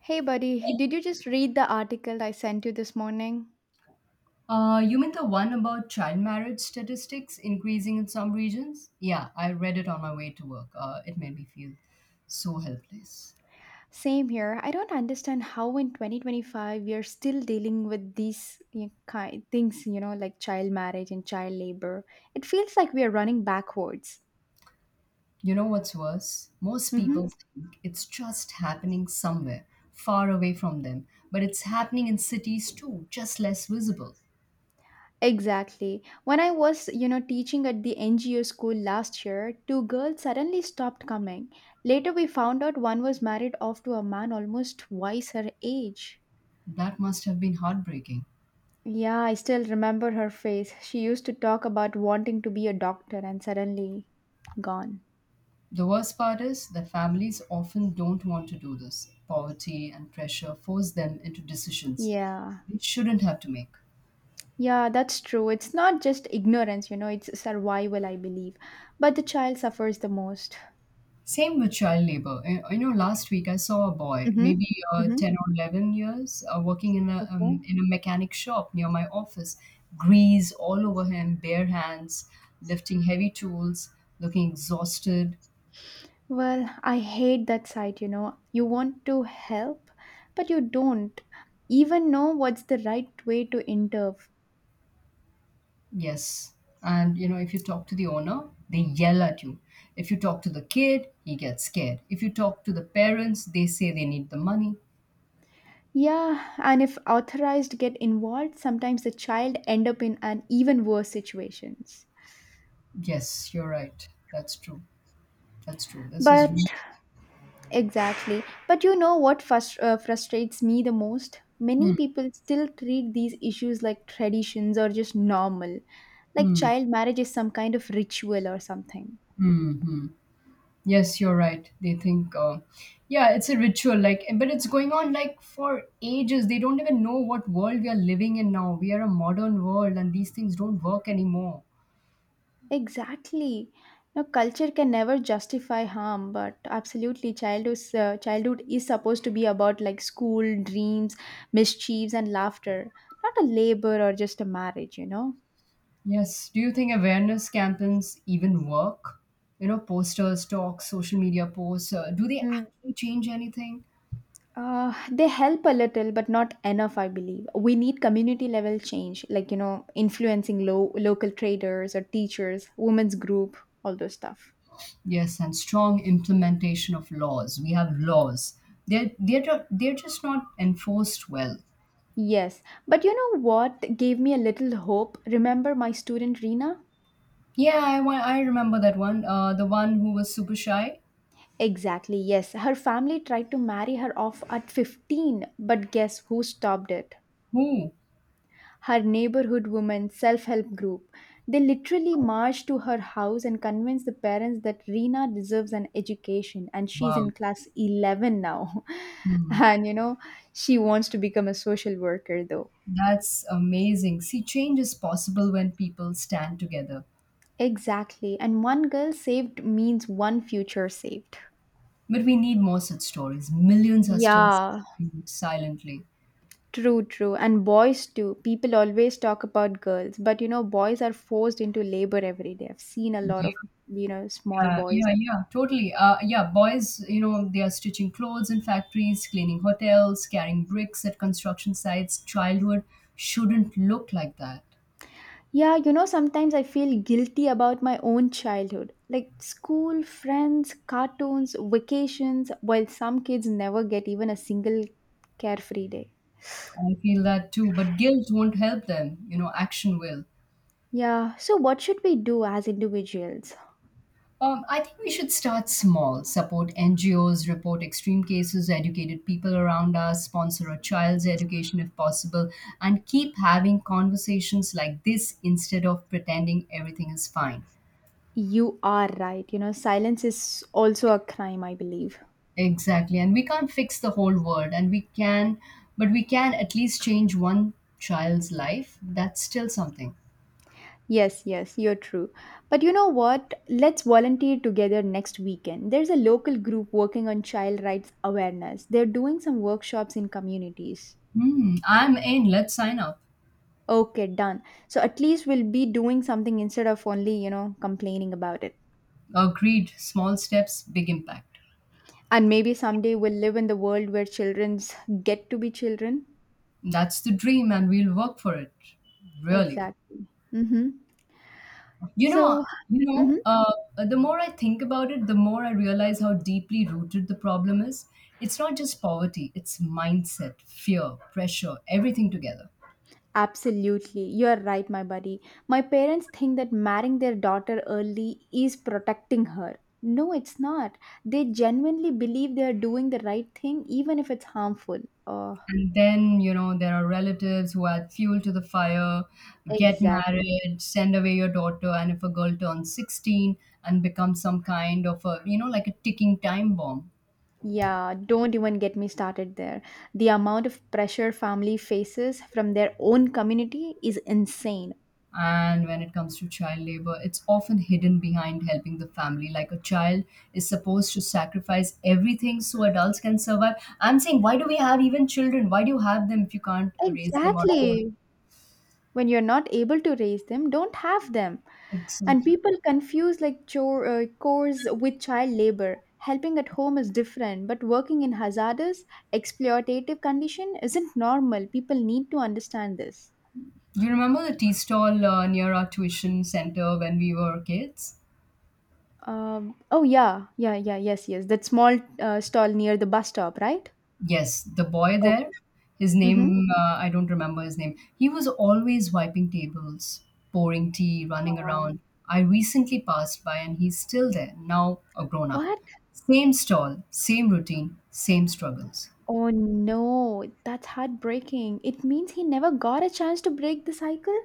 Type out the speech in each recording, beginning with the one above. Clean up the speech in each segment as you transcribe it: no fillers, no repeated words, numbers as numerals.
Hey, buddy, did you just read the article I sent you this morning? You mean the one about child marriage statistics increasing in some regions? Yeah, I read it on my way to work. It made me feel so helpless. Same here. I don't understand how in 2025 we are still dealing with these you know, ki things, like child marriage and child labor. It feels like we are running backwards. You know what's worse? Most Mm-hmm. people think it's just happening somewhere, far away from them, but it's happening in cities too, just less visible. Exactly. When I was, teaching at the NGO school last year, two girls suddenly stopped coming. Later, we found out one was married off to a man almost twice her age. That must have been heartbreaking. Yeah, I still remember her face. She used to talk about wanting to be a doctor and suddenly gone. The worst part is that families often don't want to do this. Poverty and pressure force them into decisions Yeah. they shouldn't have to make. Yeah, that's true. It's not just ignorance, it's survival, I believe. But the child suffers the most. Same with child labor. You know, last week I saw a boy, Mm-hmm. maybe Mm-hmm. 10 or 11 years, working Okay. in a mechanic shop near my office. Grease all over him, bare hands, lifting heavy tools, looking exhausted. Well, I hate that side, you know. You want to help, but you don't even know what's the right way to intervene. Yes. And, you know, if you talk to the owner, they yell at you. If you talk to the kid, he gets scared. If you talk to the parents, they say they need the money. Yeah, and if authorized get involved, sometimes the child end up in an even worse situations. Yes, you're right. That's true. That's true. This is But really. exactly. But you know what frustrates me the most? Many Hmm. people still treat these issues like traditions or just normal, like Hmm. child marriage is some kind of ritual or something. Hmm. Hmm. Yes, you're right. They think, yeah, it's a ritual, like, but it's going on like for ages. They don't even know what world we are living in now. We are a modern world, and these things don't work anymore. Exactly. Now, culture can never justify harm, but absolutely, childhood is supposed to be about like school, dreams, mischiefs, and laughter, not a labor or just a marriage, you know? Yes. Do you think awareness campaigns even work? You know, posters, talks, social media posts. Do they Hmm. actually change anything? They help a little, but not enough, I believe. We need community level change, like, influencing local traders or teachers, women's group, all those stuff. Yes, and strong implementation of laws. We have laws. They're they're just not enforced well. Yes, but you know what gave me a little hope? Remember my student Rina? Yeah, I remember that one. The one who was super shy. Exactly, yes. Her family tried to marry her off at 15, but guess who stopped it? Oh, Her neighborhood women self help group. They literally marched to her house and convinced the parents that Rina deserves an education and she's wow. in class 11 now. Hmm. And you know, she wants to become a social worker though. That's amazing. See, change is possible when people stand together. Exactly. And one girl saved means one future saved. But we need more such stories. Millions are still Yeah. suffering silently. True, true. And boys too. People always talk about girls, but you know, boys are forced into labor every day. I've seen a lot Yeah, of, small yeah, boys. yeah, yeah, totally. Yeah, boys, you know, they are stitching clothes in factories, cleaning hotels, carrying bricks at construction sites. Childhood shouldn't look like that. Yeah, you know, sometimes I feel guilty about my own childhood. Like school, friends, cartoons, vacations, while some kids never get even a single carefree day. I feel that too. But guilt won't help them. You know, action will. Yeah, so what should we do as individuals? I think we should start small. Support NGOs, report extreme cases, educated people around us, sponsor a child's education if possible, and keep having conversations like this instead of pretending everything is fine. You are right. You know, silence is also a crime, I believe. Exactly. And we can't fix the whole world, and we can, but we can at least change one child's life. That's still something. Yes, yes, you're true. But you know what? Let's volunteer together next weekend. There's a local group working on child rights awareness. They're doing some workshops in communities. Hmm, I'm in. Let's sign up. Okay, done. So at least we'll be doing something instead of only, complaining about it. Agreed. Small steps, big impact. And maybe someday we'll live in the world where children's get to be children. That's the dream, and we'll work for it. Really. Exactly. Mm-hmm. You know, So, you know, mhm. uh, the more I think about it, the more I realize how deeply rooted the problem is. It's not just poverty; it's mindset, fear, pressure, everything together. Absolutely, you are right, my buddy. My parents think that marrying their daughter early is protecting her. No, it's not. They genuinely believe they are doing the right thing, even if it's harmful. Oh, And then, you know, there are relatives who add fuel to the fire, get exactly. married, send away your daughter, and if a girl turns 16 and becomes some kind of a, you know, like a ticking time bomb. Yeah, don't even get me started there. The amount of pressure family faces from their own community is insane. And when it comes to child labor, it's often hidden behind helping the family. Like a child is supposed to sacrifice everything so adults can survive. I'm saying, why do we have even children? Why do you have them if you can't raise them on your own? Exactly. When you're not able to raise them, don't have them. And Exactly. people confuse like chores with child labor. Helping at home is different, but working in hazardous exploitative condition isn't normal. People need to understand this. Do you remember the tea stall near our tuition center when we were kids? Oh, yeah, yeah, yeah, yes, yes, that small stall near the bus stop, right? Yes, the boy there, Okay. his Mm-hmm. name, I don't remember his name. He was always wiping tables, pouring tea, running Wow. around. I recently passed by and he's still there, now a grown up. What? Same stall, same routine, same struggles. Oh no, that's heartbreaking. It means he never got a chance to break the cycle.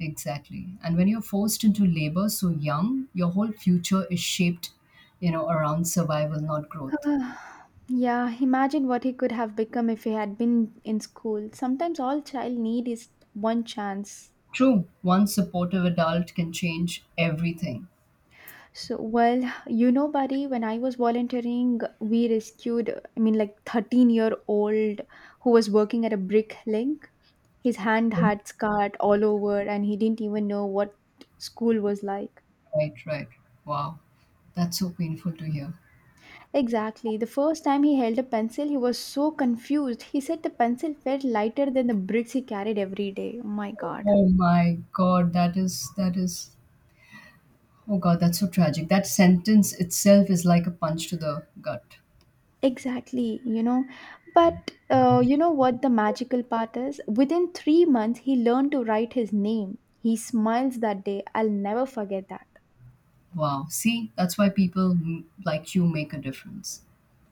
Exactly. And when you're forced into labor so young, your whole future is shaped, you know, around survival, not growth. Ah, yeah, imagine what he could have become if he had been in school. Sometimes all child need is one chance. True, one supportive adult can change everything. So, well, you know, buddy, when I was volunteering, we rescued, I mean, like 13-year-old who was working at a brick link. His hand had scarred all over and he didn't even know what school was like. Right, right. Wow. That's so painful to hear. Exactly. The first time he held a pencil, he was so confused. He said the pencil felt lighter than the bricks he carried every day. Oh my God. Oh my God, that is oh God, that's so tragic. That sentence itself is like a punch to the gut. Exactly, you know. But you know what the magical part is? Within 3 months, he learned to write his name. He smiles that day. I'll never forget that. Wow. See, that's why like you make a difference.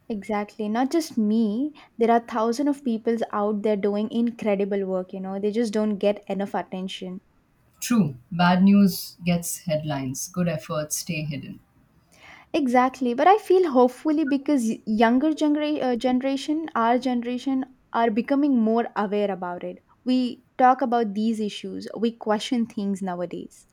Exactly. Not just me. There are thousands of peoples out there doing incredible work, you know. They just don't get enough attention. True. Bad news gets headlines. Good efforts stay hidden. Exactly. But I feel hopefully because generation, our generation, are becoming more aware about it. We talk about these issues. We question things nowadays.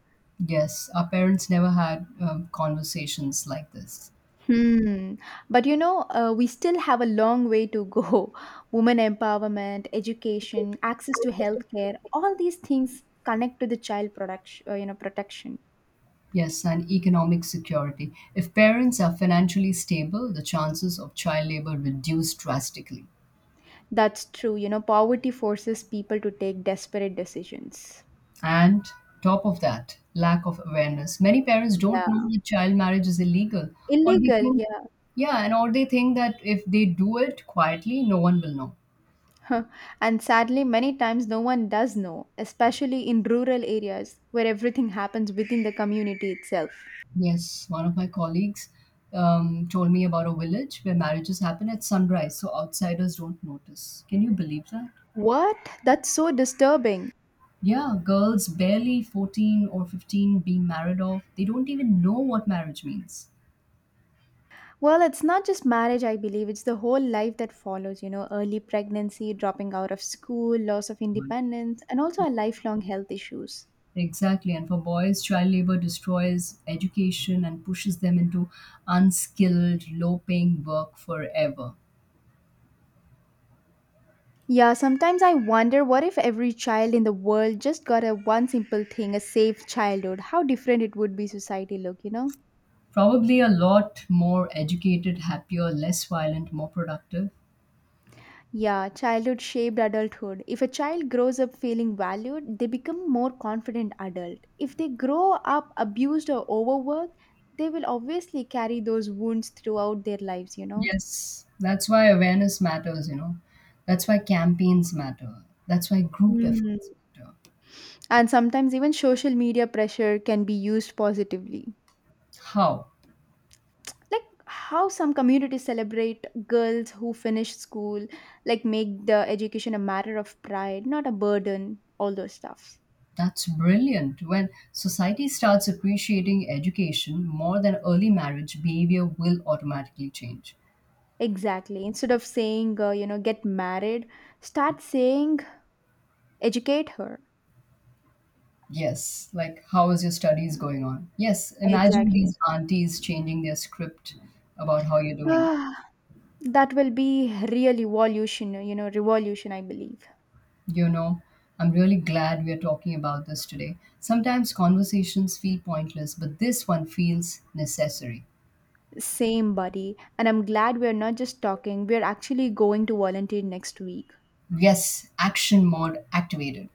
Yes, our parents never had conversations like this. Hmm. But you know, we still have a long way to go. Women empowerment, education, access to healthcare, all these things connect to the child production, you know, protection. Yes, and economic security. If parents are financially stable, the chances of child labor reduce drastically. That's true. You know, poverty forces people to take desperate decisions. And top of that, lack of awareness. Many parents don't know Yeah. that child marriage is illegal, or they Illegal, think, yeah. yeah, and or they think that if they do it quietly, no one will know. And sadly, many times no one does know, especially in rural areas where everything happens within the community itself. Yes, one of my colleagues told me about a village where marriages happen at sunrise, so outsiders don't notice. Can you believe that? What? That's so disturbing. Yeah, girls barely 14 or 15 being married off, they don't even know what marriage means. Well, it's not just marriage, I believe. It's the whole life that follows, early pregnancy, dropping out of school, loss of independence, and also our lifelong health issues. Exactly. And for boys, child labor destroys education and pushes them into unskilled, low paying work forever. Yeah, sometimes I wonder what if every child in the world just got a one simple thing, a safe childhood, how different it would be society look, you know? Probably a lot more educated, happier, less violent, more productive. Yeah, childhood shaped adulthood. If a child grows up feeling valued, they become more confident adult. If they grow up abused or overworked, they will obviously carry those wounds throughout their lives, you know? Yes. That's why awareness matters, you know. That's why campaigns matter. That's why group Mm. efforts matter. And sometimes even social media pressure can be used positively. How? Like how some communities celebrate girls who finish school, like make the education a matter of pride, not a burden, all those stuffs. That's brilliant. When society starts appreciating education more than early marriage, behavior will automatically change. Exactly. Instead of saying, get married, start saying, educate her. Yes, like how is your studies going on? Yes, imagine Exactly. these aunties changing their script about how you're doing. Ah, that will be really revolution, revolution, I believe. You know, I'm really glad we are talking about this today. Sometimes conversations feel pointless, but this one feels necessary. Same, buddy. And I'm glad we're not just talking, we're actually going to volunteer next week. Yes, action mode activated.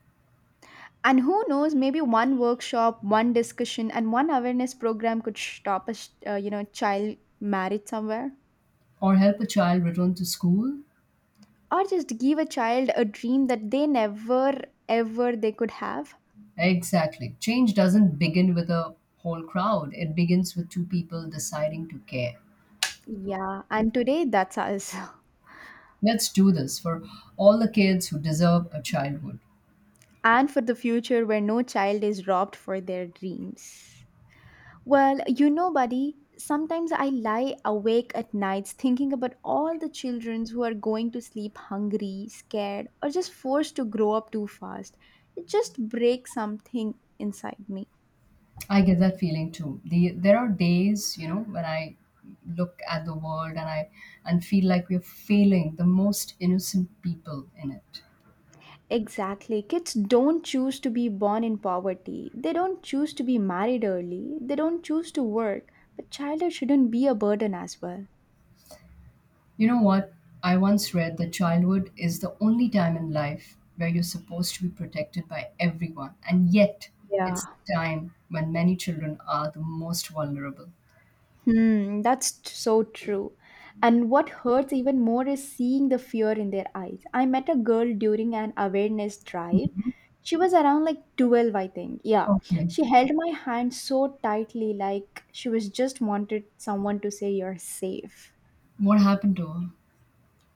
And who knows, maybe one workshop, one discussion, and one awareness program could stop a, child married somewhere. Or help a child return to school? Or just give a child a dream that they never, ever they could have. Exactly. Change doesn't begin with a whole crowd, it begins with two people deciding to care. Yeah, and today that's us. Let's do this for all the kids who deserve a childhood. And for the future where no child is robbed for their dreams. Well, you know, buddy, sometimes I lie awake at nights thinking about all the children who are going to sleep hungry, scared, or just forced to grow up too fast. It just breaks something inside me. I get that feeling too. There are days, you know, when I look at the world and feel like we're failing the most innocent people in it. Exactly. Kids don't choose to be born in poverty. They don't choose to be married early. They don't choose to work. But childhood shouldn't be a burden as well. You know what? I once read that childhood is the only time in life where you're supposed to be protected by everyone, and yet it's Yeah. the time when many children are the most vulnerable. So true. And what hurts even more is seeing the fear in their eyes. I met a girl during an awareness drive. She was around like 12, I think. Yeah. Okay, She held my hand so tightly, like she was just wanted someone to say, "You're safe." what happened to her?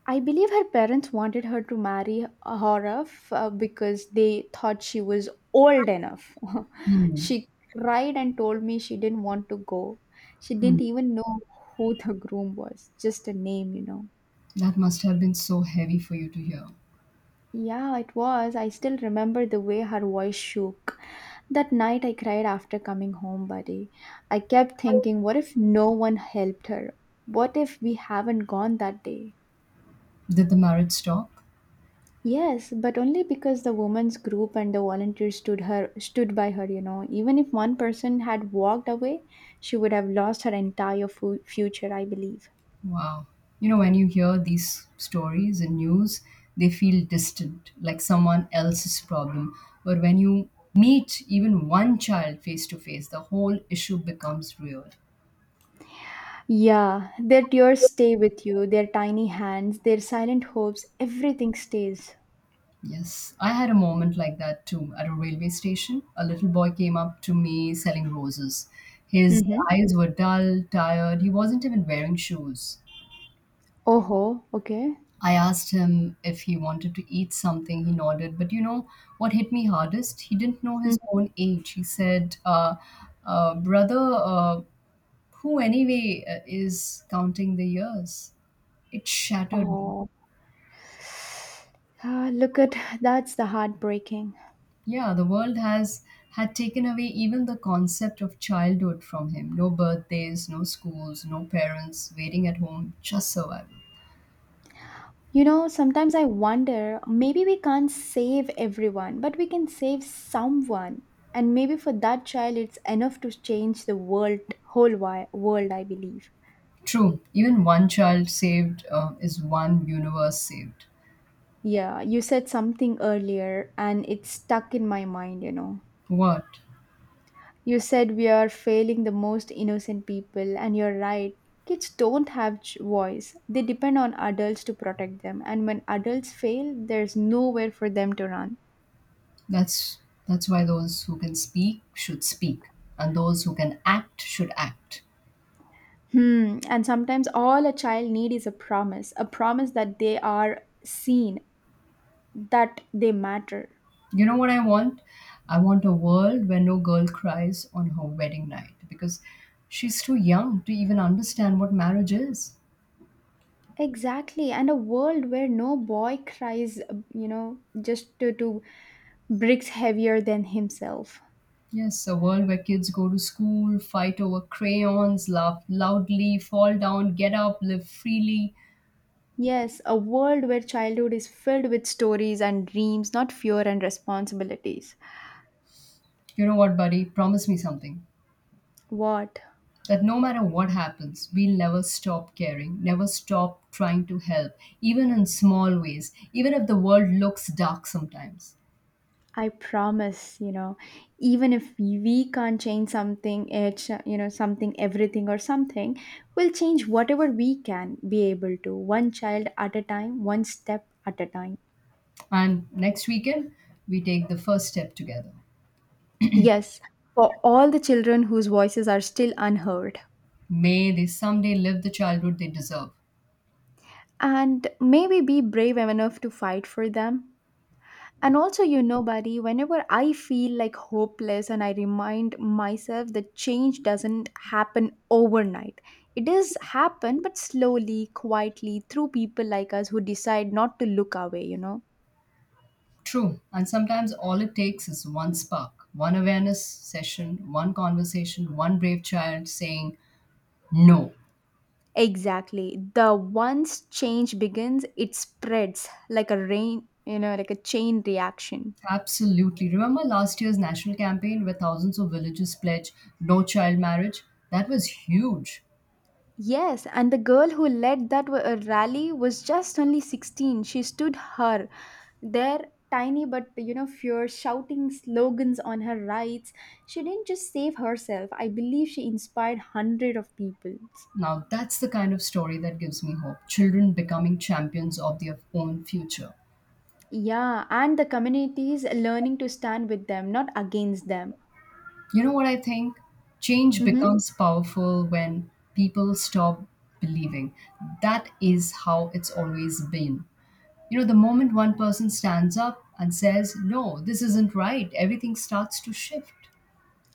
I believe her parents wanted her to marry Horov, because they thought she was old enough. Hmm. She cried and told me she didn't want to go. She didn't Hmm. even know who the groom was, just a name, you know. That must have been so heavy for you to hear. Yeah, it was. I still remember the way her voice shook. That night I cried after coming home, buddy. I kept thinking, what if no one helped her? What if we haven't gone that day? Did the marriage stop? Yes, but only because the women's group and the volunteers stood by her, you know. Even if one person had walked away, she would have lost her future, I believe. Wow. You know, when you hear these stories in news, they feel distant, like someone else's problem. But when you meet even one child face to face, the whole issue becomes real. Yeah, their tears stay with you, their tiny hands, their silent hopes, everything stays. Yes, I had a moment like that too at a railway station. A little boy came up to me selling roses. His Mhm. eyes were dull, tired. He wasn't even wearing shoes. Oh, okay. I asked him if he wanted to eat something. He nodded. But you know what hit me hardest? He didn't know his Mhm. own age. He said, Brother, who anyway is counting the years? It shattered me. Oh. Ah, look at that's the heartbreaking. Yeah, the world has had taken away even the concept of childhood from him. No birthdays, no schools, no parents, waiting at home, just survival. You know, sometimes I wonder maybe we can't save everyone, but we can save someone. And maybe for that child, it's enough to change the world, world, I believe. True, even one child saved is one universe saved. Yeah, you said something earlier and it stuck in my mind, you know. What? You said we are failing the most innocent people, and you're right. Kids don't have voice. They depend on adults to protect them, and when adults fail, there's nowhere for them to run. That's that's why those who can speak should speak and those who can act should act. Hmm. And sometimes all a child need is a promise that they are seen, that they matter. You know what I want? I want a world where no girl cries on her wedding night because she's too young to even understand what marriage is. Exactly. And a world where no boy cries, to bricks heavier than himself. Yes, a world where kids go to school, fight over crayons, laugh loudly, fall down, get up, live freely. Yes, a world where childhood is filled with stories and dreams, not fear and responsibilities. You know what, buddy? Promise me something. What? That no matter what happens, we'll never stop caring, never stop trying to help, even in small ways, even if the world looks dark sometimes. I promise, even if we can't change something, it's, you know, something, everything or something, we'll change whatever we can be able to, one child at a time, one step at a time. And next weekend, we take the first step together. Yes, for all the children whose voices are still unheard. May they someday live the childhood they deserve. And maybe be brave enough to fight for them. And also, buddy, whenever I feel like hopeless and I remind myself that change doesn't happen overnight. It does happen, but slowly, quietly, through people like us who decide not to look away, you know? True, and sometimes all it takes is one spark, one awareness session, one conversation, one brave child saying no. Exactly. The once change begins, it spreads like a rain, like a chain reaction. Absolutely. Remember last year's national campaign where thousands of villages pledged no child marriage? That was huge. Yes, and the girl who led that rally was just only 16. She stood her there, tiny but fierce, shouting slogans on her rights. She didn't just save herself, I believe she inspired hundred of people. Now, that's the kind of story that gives me hope. Children becoming champions of their own future. Yeah, and the communities learning to stand with them, not against them. You know what I think? Change Mm-hmm. becomes powerful when people stop believing. That is how it's always been. You know, the moment one person stands up and says, No, this isn't right, everything starts to shift.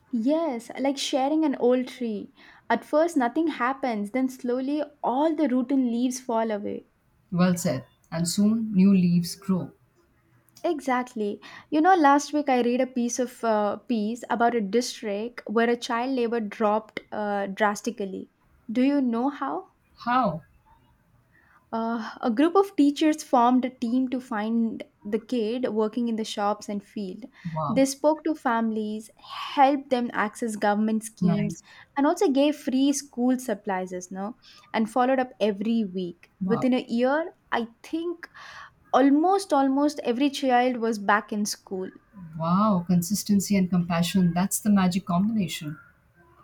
Yes, like sharing an old tree. At first nothing happens, then slowly all the root and leaves fall away. Well said. And soon, new leaves grow. Exactly. You know, last week I read a piece about a district where a child labor dropped drastically. Do you know how? How? A group of teachers formed a team to find the kid working in the shops and field. They Wow. spoke to families, helped them access government schemes, Nice. and also gave free school supplies, no? And followed up every week. Wow. Within a year, I think almost every child was back in school. Wow. Consistency and compassion. That's the magic combination.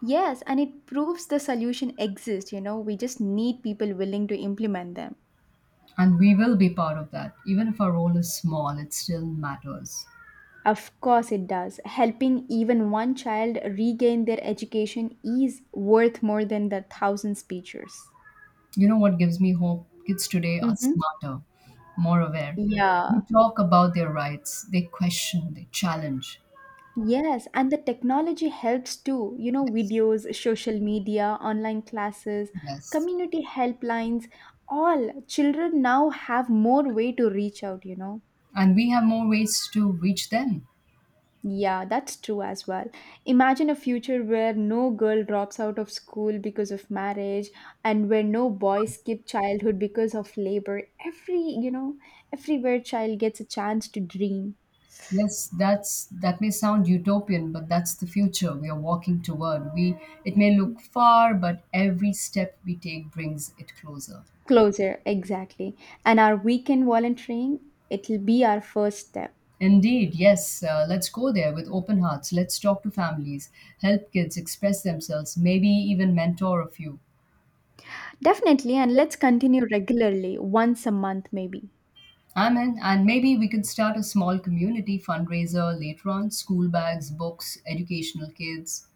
Yes, and it proves the solution exists, we just need people willing to implement them. And we will be part of that. Even if our role is small, it still matters. Of course, it does. Helping even one child regain their education is worth more than the thousand speeches. You know what gives me hope? Kids today are Hmm. smarter, more aware. They Yeah. talk about their rights, they question, they challenge. Yes, and the technology helps too. You know, Yes. videos, social media, online classes, Yes. community helplines, all children now have more way to reach out, you know. And we have more ways to reach them. Yeah, that's true as well. Imagine a future where no girl drops out of school because of marriage, and where no boy skip childhood because of labor. Everywhere child gets a chance to dream. Yes, that's that may sound utopian, but that's the future we are walking toward. We It may look far, but every step we take brings it closer. Closer, exactly. And our weekend volunteering, it'll be our first step. Indeed, yes, let's go there with open hearts. Let's talk to families, help kids express themselves, maybe even mentor a few. Definitely, and let's continue regularly, once a month maybe. I'm in, and maybe we can start a small community fundraiser later on school bags, books, educational kids.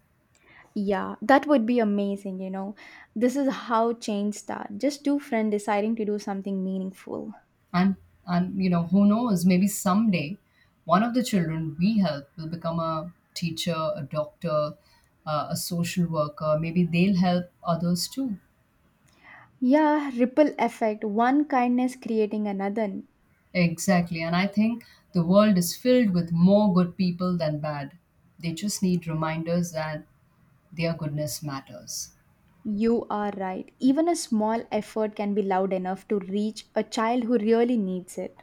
Yeah, that would be amazing, you know. This is how change starts. Just two friends deciding to do something meaningful. And and you know, who knows, maybe someday one of the children we help will become a teacher, a doctor, a social worker. Maybe they'll help others too. Yeah, ripple effect, one kindness creating another. Exactly. And I think the world is filled with more good people than bad. They just need reminders that their goodness matters. You are right. Even a small effort can be loud enough to reach a child who really needs it.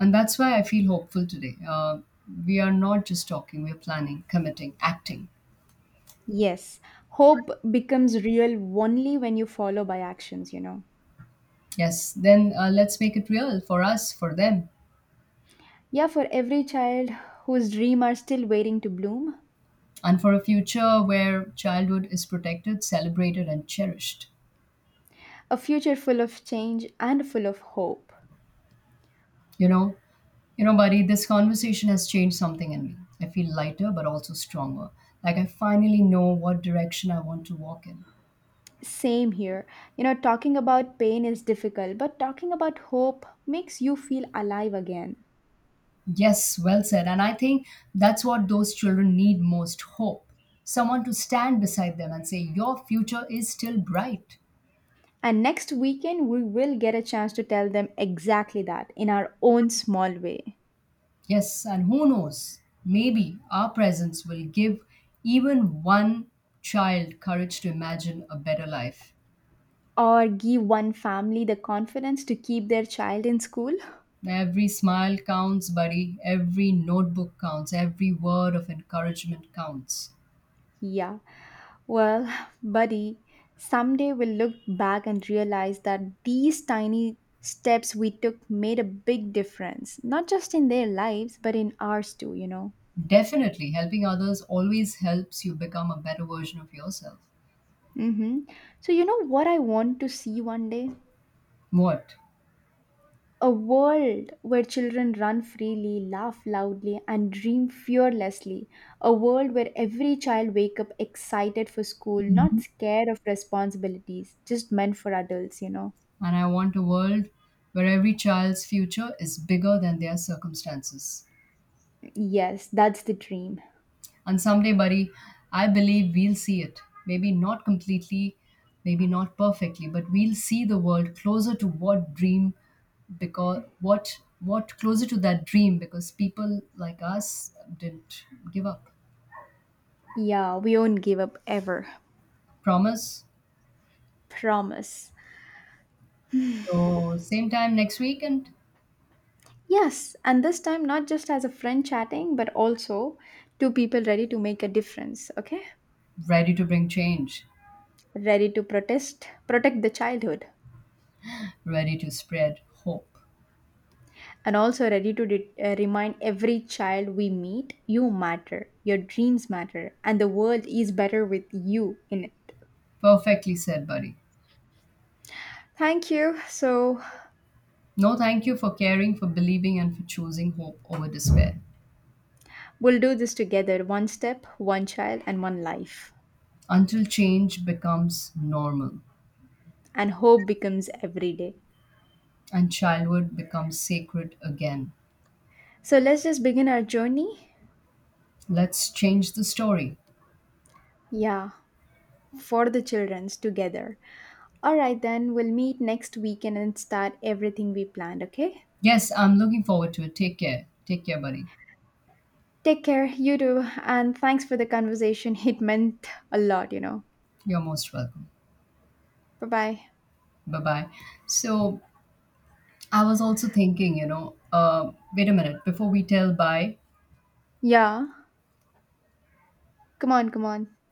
And that's why I feel hopeful today. We are not just talking, we're planning, committing, acting. Yes, hope becomes real only when you follow by actions, you know. Yes, then let's make it real for us, for them. Yeah, for every child whose dream are still waiting to bloom, And for a future where childhood is protected, celebrated, and cherished. a future full of change and full of hope. You know, Buddy, this conversation has changed something in me. I feel lighter, but also stronger. Like I finally know what direction I want to walk in. Same here. You know, talking about pain is difficult, but talking about hope makes you feel alive again. Yes, well said. And I think that's what those children need most hope. Someone to stand beside them and say, Your future is still bright. And next weekend, we will get a chance to tell them exactly that in our own small way. Yes, and who knows? Maybe our presence will give even one child courage to imagine a better life. Or give one family the confidence to keep their child in school. Every smile counts, buddy. Every notebook counts. Every word of encouragement counts. Yeah, well, buddy, someday we'll look back and realize that these tiny steps we took made a big difference, not just in their lives, but in ours too, you know. Definitely, helping others always helps you become a better version of yourself. Mm-hmm. So, you know what I want to see one day? What? A world where children run freely, laugh loudly, and dream fearlessly. A world where every child wake up excited for school, not scared of responsibilities, just meant for adults, you know. And I want a world where every child's future is bigger than their circumstances. Yes, that's the dream. And someday, buddy, I believe we'll see it. Maybe not completely, maybe not perfectly, but we'll see the world closer to what dream because what closer to that dream because people like us didn't give up. Yeah, we won't give up ever. Promise. Promise. So same time next week and Yes, and this time not just as a friend chatting, but also two people ready to make a difference, okay? ready to bring change, Ready to protest, protect the childhood. ready to spread hope. And also ready to remind every child we meet, you matter, your dreams matter, and the world is better with you in it. Perfectly said, buddy. Thank you. So, No, thank you for caring, for believing, and for choosing hope over despair we'll do this together, one step, one child, and one life. until change becomes normal. And hope becomes every day. And childhood becomes sacred again. So, let's just begin our journey. Let's change the story. Yeah, for the children's together. All right, then we'll meet next weekend and start everything we planned, okay? Yes, I'm looking forward to it. Take care. Take care, buddy. Take care, you too, and thanks for the conversation. It meant a lot, you know. You're most welcome. Bye bye. Bye bye. So, I was also thinking, you know, wait a minute, before we tell bye, Yeah. Come on, come on.